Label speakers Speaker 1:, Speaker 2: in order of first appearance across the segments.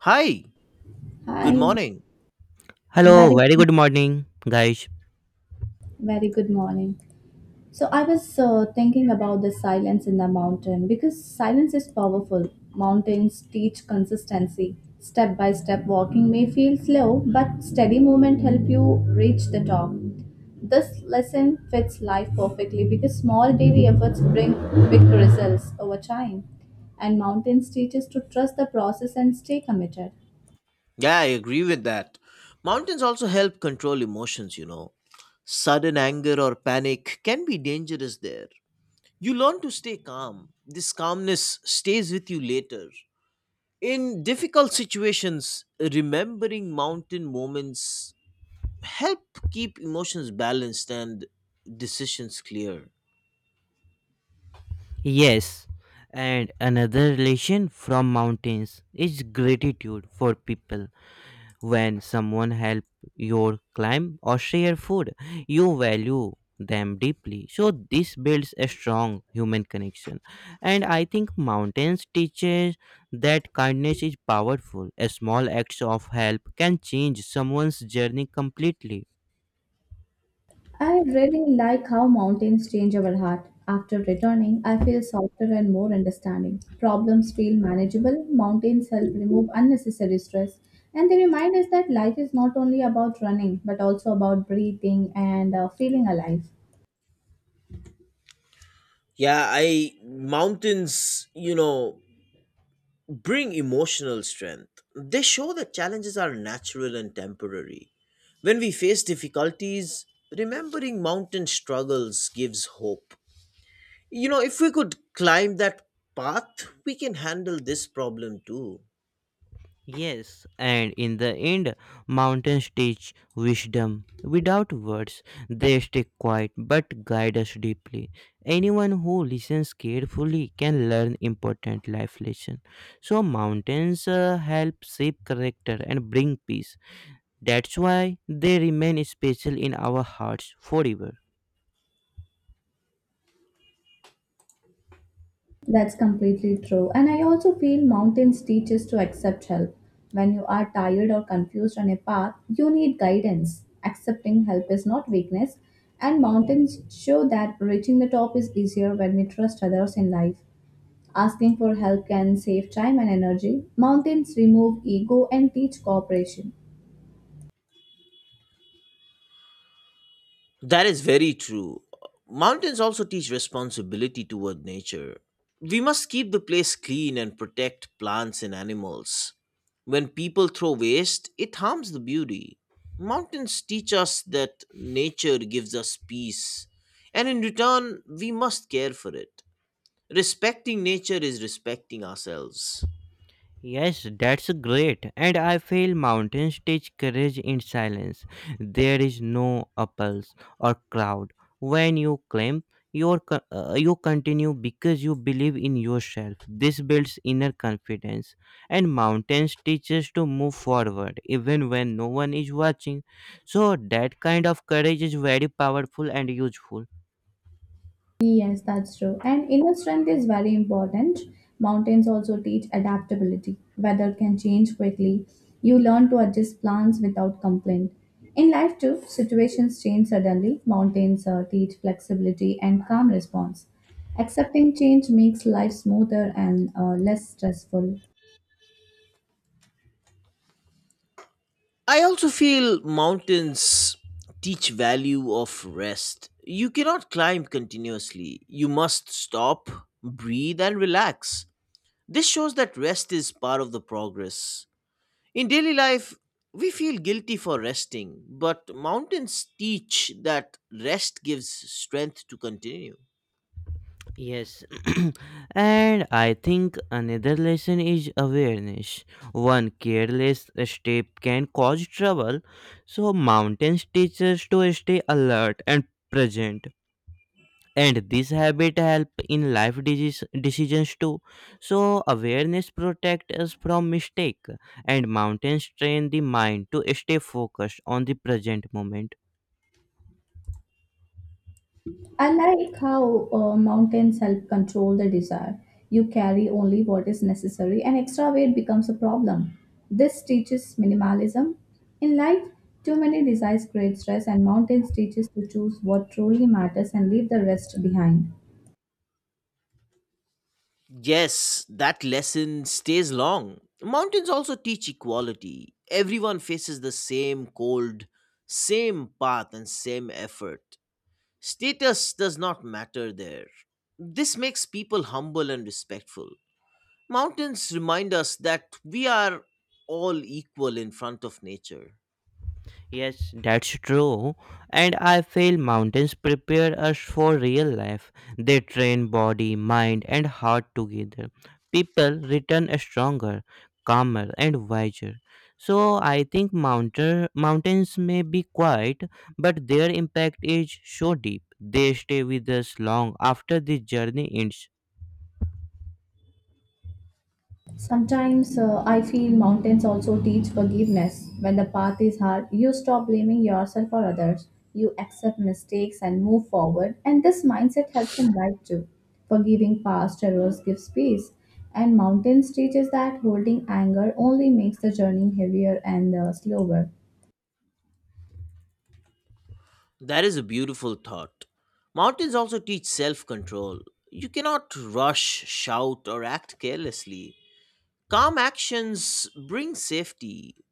Speaker 1: Hi, good
Speaker 2: Hi,
Speaker 1: morning.
Speaker 3: Hello,
Speaker 2: very,
Speaker 3: very good morning, guys.
Speaker 2: very good morning. So I was thinking about the silence in the mountain because silence is powerful. Mountains teach consistency. Step by step walking may feel slow, but steady movement help you reach the top. This lesson fits life perfectly because small daily efforts bring big results over time, and mountains teach us to trust the process and stay committed.
Speaker 1: Yeah, I agree with that. Mountains also help control emotions, you know. Sudden anger or panic can be dangerous there. You learn to stay calm. This calmness stays with you later. In difficult situations, remembering mountain moments help keep emotions balanced and decisions clear.
Speaker 3: Yes, and another relation from mountains is gratitude for people. When someone help your climb or share food, you value them deeply. So this builds a strong human connection. And I think mountains teaches that kindness is powerful. A small act of help can change someone's journey completely.
Speaker 2: I really like how mountains change our heart. After returning, I feel softer and more understanding. Problems feel manageable, mountains help remove unnecessary stress, and they remind us that life is not only about running but also about breathing and feeling alive.
Speaker 1: Yeah, I mountains, you know, bring emotional strength. They show that challenges are natural and temporary. When we face difficulties, remembering mountain struggles gives hope. You know, if we could climb that path, we can handle this problem too.
Speaker 3: Yes, and in the end, mountains teach wisdom. Without words, they stay quiet but guide us deeply. Anyone who listens carefully can learn important life lessons. So, mountains help shape character and bring peace. That's why they remain special in our hearts forever.
Speaker 2: That's completely true. And I also feel mountains teach us to accept help. When you are tired or confused on a path, you need guidance. Accepting help is not weakness. And mountains show that reaching the top is easier when we trust others in life. Asking for help can save time and energy. Mountains remove ego and teach cooperation.
Speaker 1: That is very true. Mountains also teach responsibility toward nature. We must keep the place clean and protect plants and animals. When people throw waste, it harms the beauty. Mountains teach us that nature gives us peace, and in return, we must care for it. Respecting nature is respecting ourselves.
Speaker 3: Yes, that's great. And I feel mountains teach courage in silence. There is no apples or crowd. When you climb, you continue because you believe in yourself. This builds inner confidence. And mountains teach us to move forward even when no one is watching. So that kind of courage is very powerful and useful.
Speaker 2: Yes, that's true. And inner strength is very important. Mountains also teach adaptability. Weather can change quickly. You learn to adjust plans without complaint. In life, too, situations change suddenly. Mountains teach flexibility and calm response. Accepting change makes life smoother and less stressful.
Speaker 1: I also feel mountains teach value of rest. You cannot climb continuously. You must stop, breathe and relax. This shows that rest is part of the progress. In daily life, we feel guilty for resting, but mountains teach that rest gives strength to continue.
Speaker 3: Yes, and I think another lesson is awareness. One careless step can cause trouble, so mountains teach us to stay alert and present. And this habit help in decisions too. So awareness protects us from mistake, and mountains train the mind to stay focused on the present moment.
Speaker 2: I like how mountains help control the desire. You carry only what is necessary, and extra weight becomes a problem. This teaches minimalism. In life, too many desires create stress, and mountains teaches to choose what truly matters and leave the rest behind.
Speaker 1: Yes, that lesson stays long. Mountains also teach equality. Everyone faces the same cold, same path, and same effort. Status does not matter there. This makes people humble and respectful. Mountains remind us that we are all equal in front of nature.
Speaker 3: Yes, that's true. And I feel mountains prepare us for real life. They train body, mind, and heart together. People return stronger, calmer, and wiser. So I think mountains may be quiet, but their impact is so deep. They stay with us long after the journey ends.
Speaker 2: Sometimes I feel mountains also teach forgiveness. When the path is hard, you stop blaming yourself or others. You accept mistakes and move forward, and this mindset helps in life too. Forgiving past errors gives peace, and mountains teaches that holding anger only makes the journey heavier and slower.
Speaker 1: That is a beautiful thought. Mountains also teach self control. You cannot rush, shout, or act carelessly. Calm actions bring safety.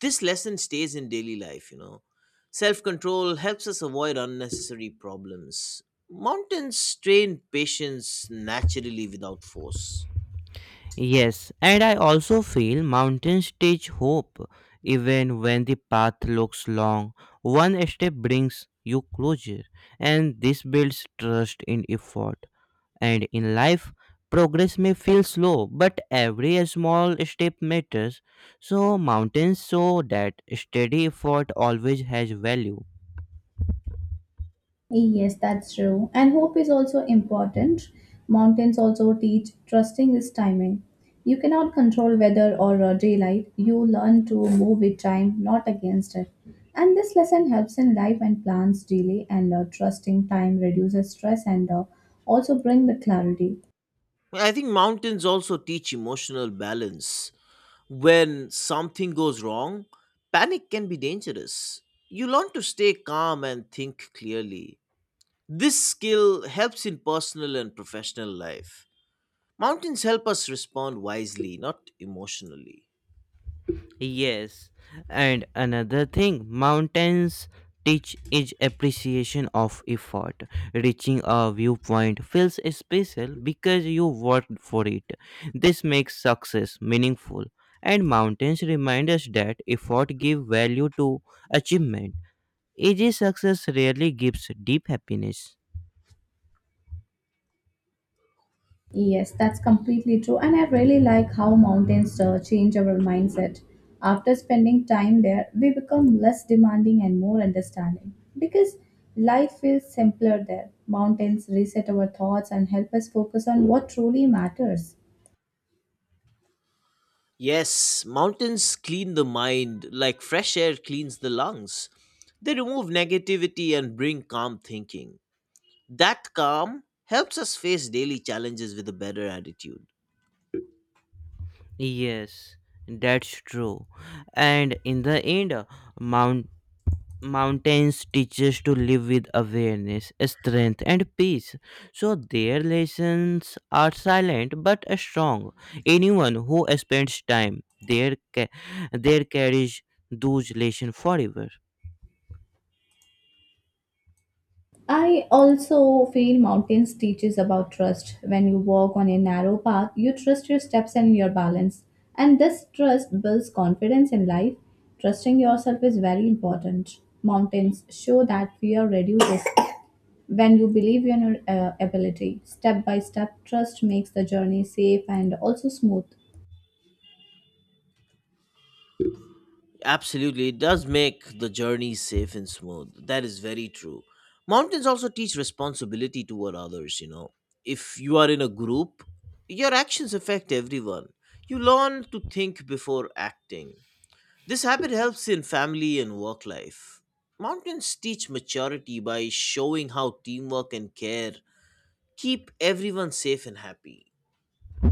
Speaker 1: This lesson stays in daily life, you know. Self control helps us avoid unnecessary problems. Mountains train patience naturally without force.
Speaker 3: Yes, and I also feel mountains teach hope even when the path looks long. One step brings you closer, and this builds trust in effort. And in life, progress may feel slow, but every small step matters. So, mountains show that steady effort always has value.
Speaker 2: Yes, that's true. And hope is also important. Mountains also teach trusting is timing. You cannot control weather or daylight. You learn to move with time, not against it. And this lesson helps in life when plans delay and trusting time reduces stress and also bring the clarity.
Speaker 1: I think mountains also teach emotional balance. When something goes wrong, panic can be dangerous. You learn to stay calm and think clearly. This skill helps in personal and professional life. Mountains help us respond wisely, not emotionally.
Speaker 3: Yes, and another thing, mountains teach is appreciation of effort. Reaching a viewpoint feels special because you worked for it. This makes success meaningful, and mountains remind us that effort give value to achievement. Easy success rarely gives deep happiness.
Speaker 2: Yes, that's completely true. And I really like how mountains change our mindset. After spending time there, we become less demanding and more understanding because life feels simpler there. Mountains reset our thoughts and help us focus on what truly matters.
Speaker 1: Yes, mountains clean the mind like fresh air cleans the lungs. They remove negativity and bring calm thinking. That calm helps us face daily challenges with a better attitude.
Speaker 3: Yes, that's true. And in the end, mountains teach us to live with awareness, strength, and peace. So their lessons are silent but strong. Anyone who spends time there carries those lessons forever.
Speaker 2: I also feel mountains teaches about trust. When you walk on a narrow path, you trust your steps and your balance. And this trust builds confidence in life. Trusting yourself is very important. Mountains show that fear reduces when you believe in your ability. Step by step, trust makes the journey safe and also smooth.
Speaker 1: Absolutely, it does make the journey safe and smooth. That is very true. Mountains also teach responsibility toward others, you know. If you are in a group, your actions affect everyone. You learn to think before acting. This habit helps in family and work life. Mountains teach maturity by showing how teamwork and care keep everyone safe and happy.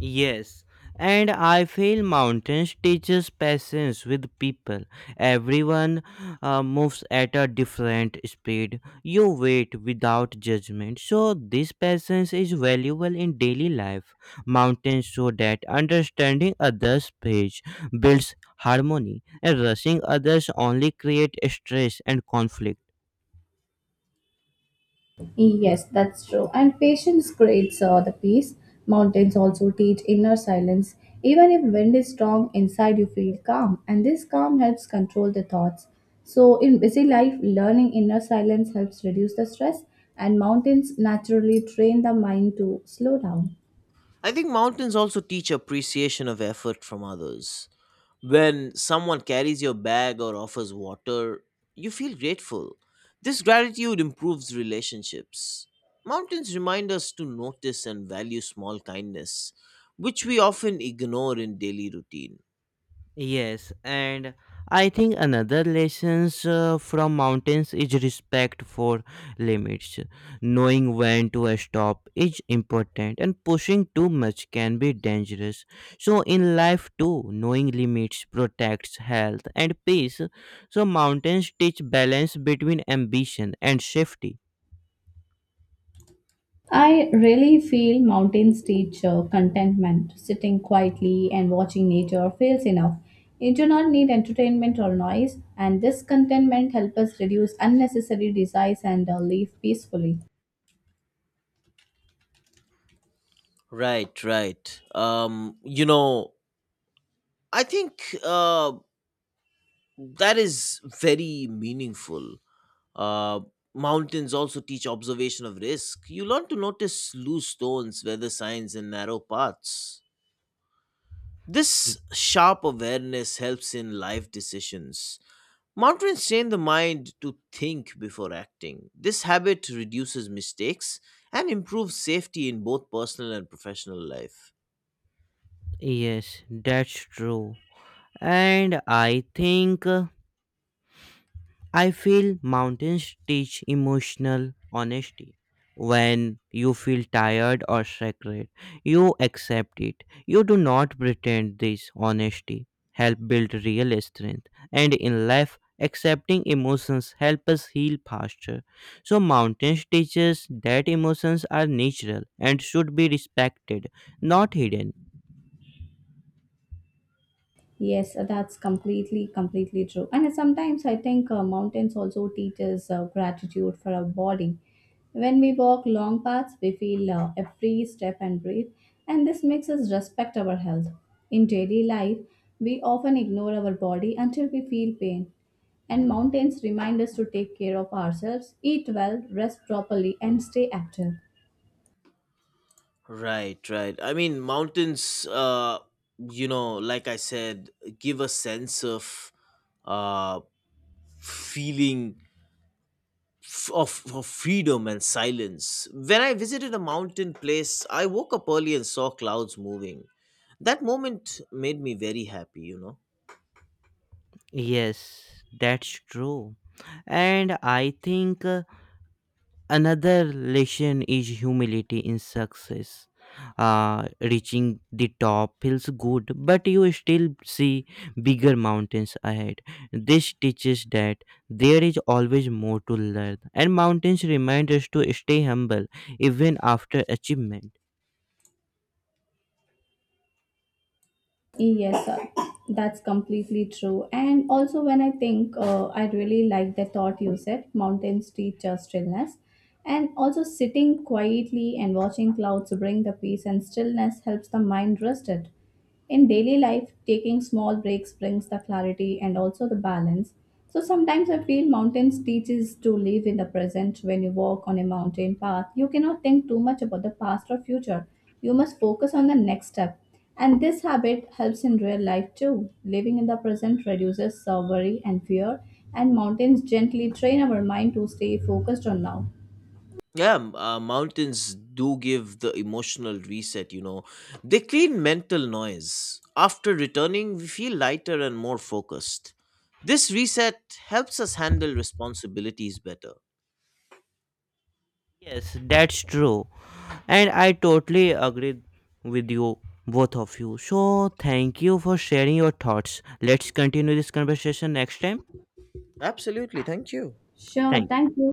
Speaker 3: Yes, and I feel mountains teaches patience with people. Everyone moves at a different speed. You wait without judgment. So this patience is valuable in daily life. Mountains show that understanding others' pace builds harmony, and rushing others only create stress and conflict.
Speaker 2: Yes, that's true. And patience creates the peace. Mountains also teach inner silence. Even if wind is strong, inside you feel calm, and this calm helps control the thoughts. So, in busy life, learning inner silence helps reduce the stress, and mountains naturally train the mind to slow down.
Speaker 1: I think mountains also teach appreciation of effort from others. When someone carries your bag or offers water, you feel grateful. This gratitude improves relationships. Mountains remind us to notice and value small kindness, which we often ignore in daily routine.
Speaker 3: Yes, and I think another lessons from mountains is respect for limits. Knowing when to stop is important, and pushing too much can be dangerous. So, in life too, knowing limits protects health and peace. So, mountains teach balance between ambition and safety.
Speaker 2: I really feel mountains teach contentment. Sitting quietly and watching nature feels enough. You do not need entertainment or noise, and this contentment helps us reduce unnecessary desires and live peacefully.
Speaker 1: Right, right. I think that is very meaningful. Uh, mountains also teach observation of risk. You learn to notice loose stones, weather signs, and narrow paths.
Speaker 3: Y-
Speaker 1: This sharp awareness helps in life decisions. Mountains train the mind to think before acting. This habit reduces mistakes and improves safety in both personal and professional life.
Speaker 3: Yes, that's true. And I think. I feel mountains teach emotional honesty. When you feel tired or sacred, you accept it. You do not pretend this honesty. Help build real strength. And in life, accepting emotions help us heal faster. So mountains teach us that emotions are natural and should be respected, not hidden.
Speaker 2: Yes, that's completely true. And sometimes I think mountains also teach us gratitude for our body. When we walk long paths, we feel every step and breathe, and this makes us respect our health. In daily life, we often ignore our body until we feel pain. And mountains remind us to take care of ourselves, eat well, rest properly, and stay active.
Speaker 1: Right, right. I mean, like I said, give a sense of uh, feeling of freedom and silence. When I visited a mountain place, I woke up early and saw clouds moving. That moment made me very happy, you know.
Speaker 3: Yes, that's true, and I think another lesson is humility in success. Reaching the top feels good, but you still see bigger mountains ahead. This teaches that there is always more to learn, and mountains remind us to stay humble even after achievement.
Speaker 2: Yes, sir. That's completely true. And also, when I think, I really like the thought you said mountains teach us stillness. And also, sitting quietly and watching clouds bring the peace and stillness helps the mind rest it. In daily life, taking small breaks brings the clarity and also the balance. So sometimes I feel mountains teaches to live in the present. When you walk on a mountain path, you cannot think too much about the past or future. You must focus on the next step. And this habit helps in real life too. Living in the present reduces worry and fear, and mountains gently train our mind to stay focused on now.
Speaker 1: Yeah, m- mountains do give the emotional reset, you know. They clean mental noise. After returning, we feel lighter and more focused. This reset helps us handle responsibilities better.
Speaker 3: Yes, that's true, and I totally agree with you, both of you. So, thank you for sharing your thoughts. Let's continue this conversation next time.
Speaker 1: Absolutely, thank you.
Speaker 2: Sure.
Speaker 3: Thank
Speaker 2: Thank you.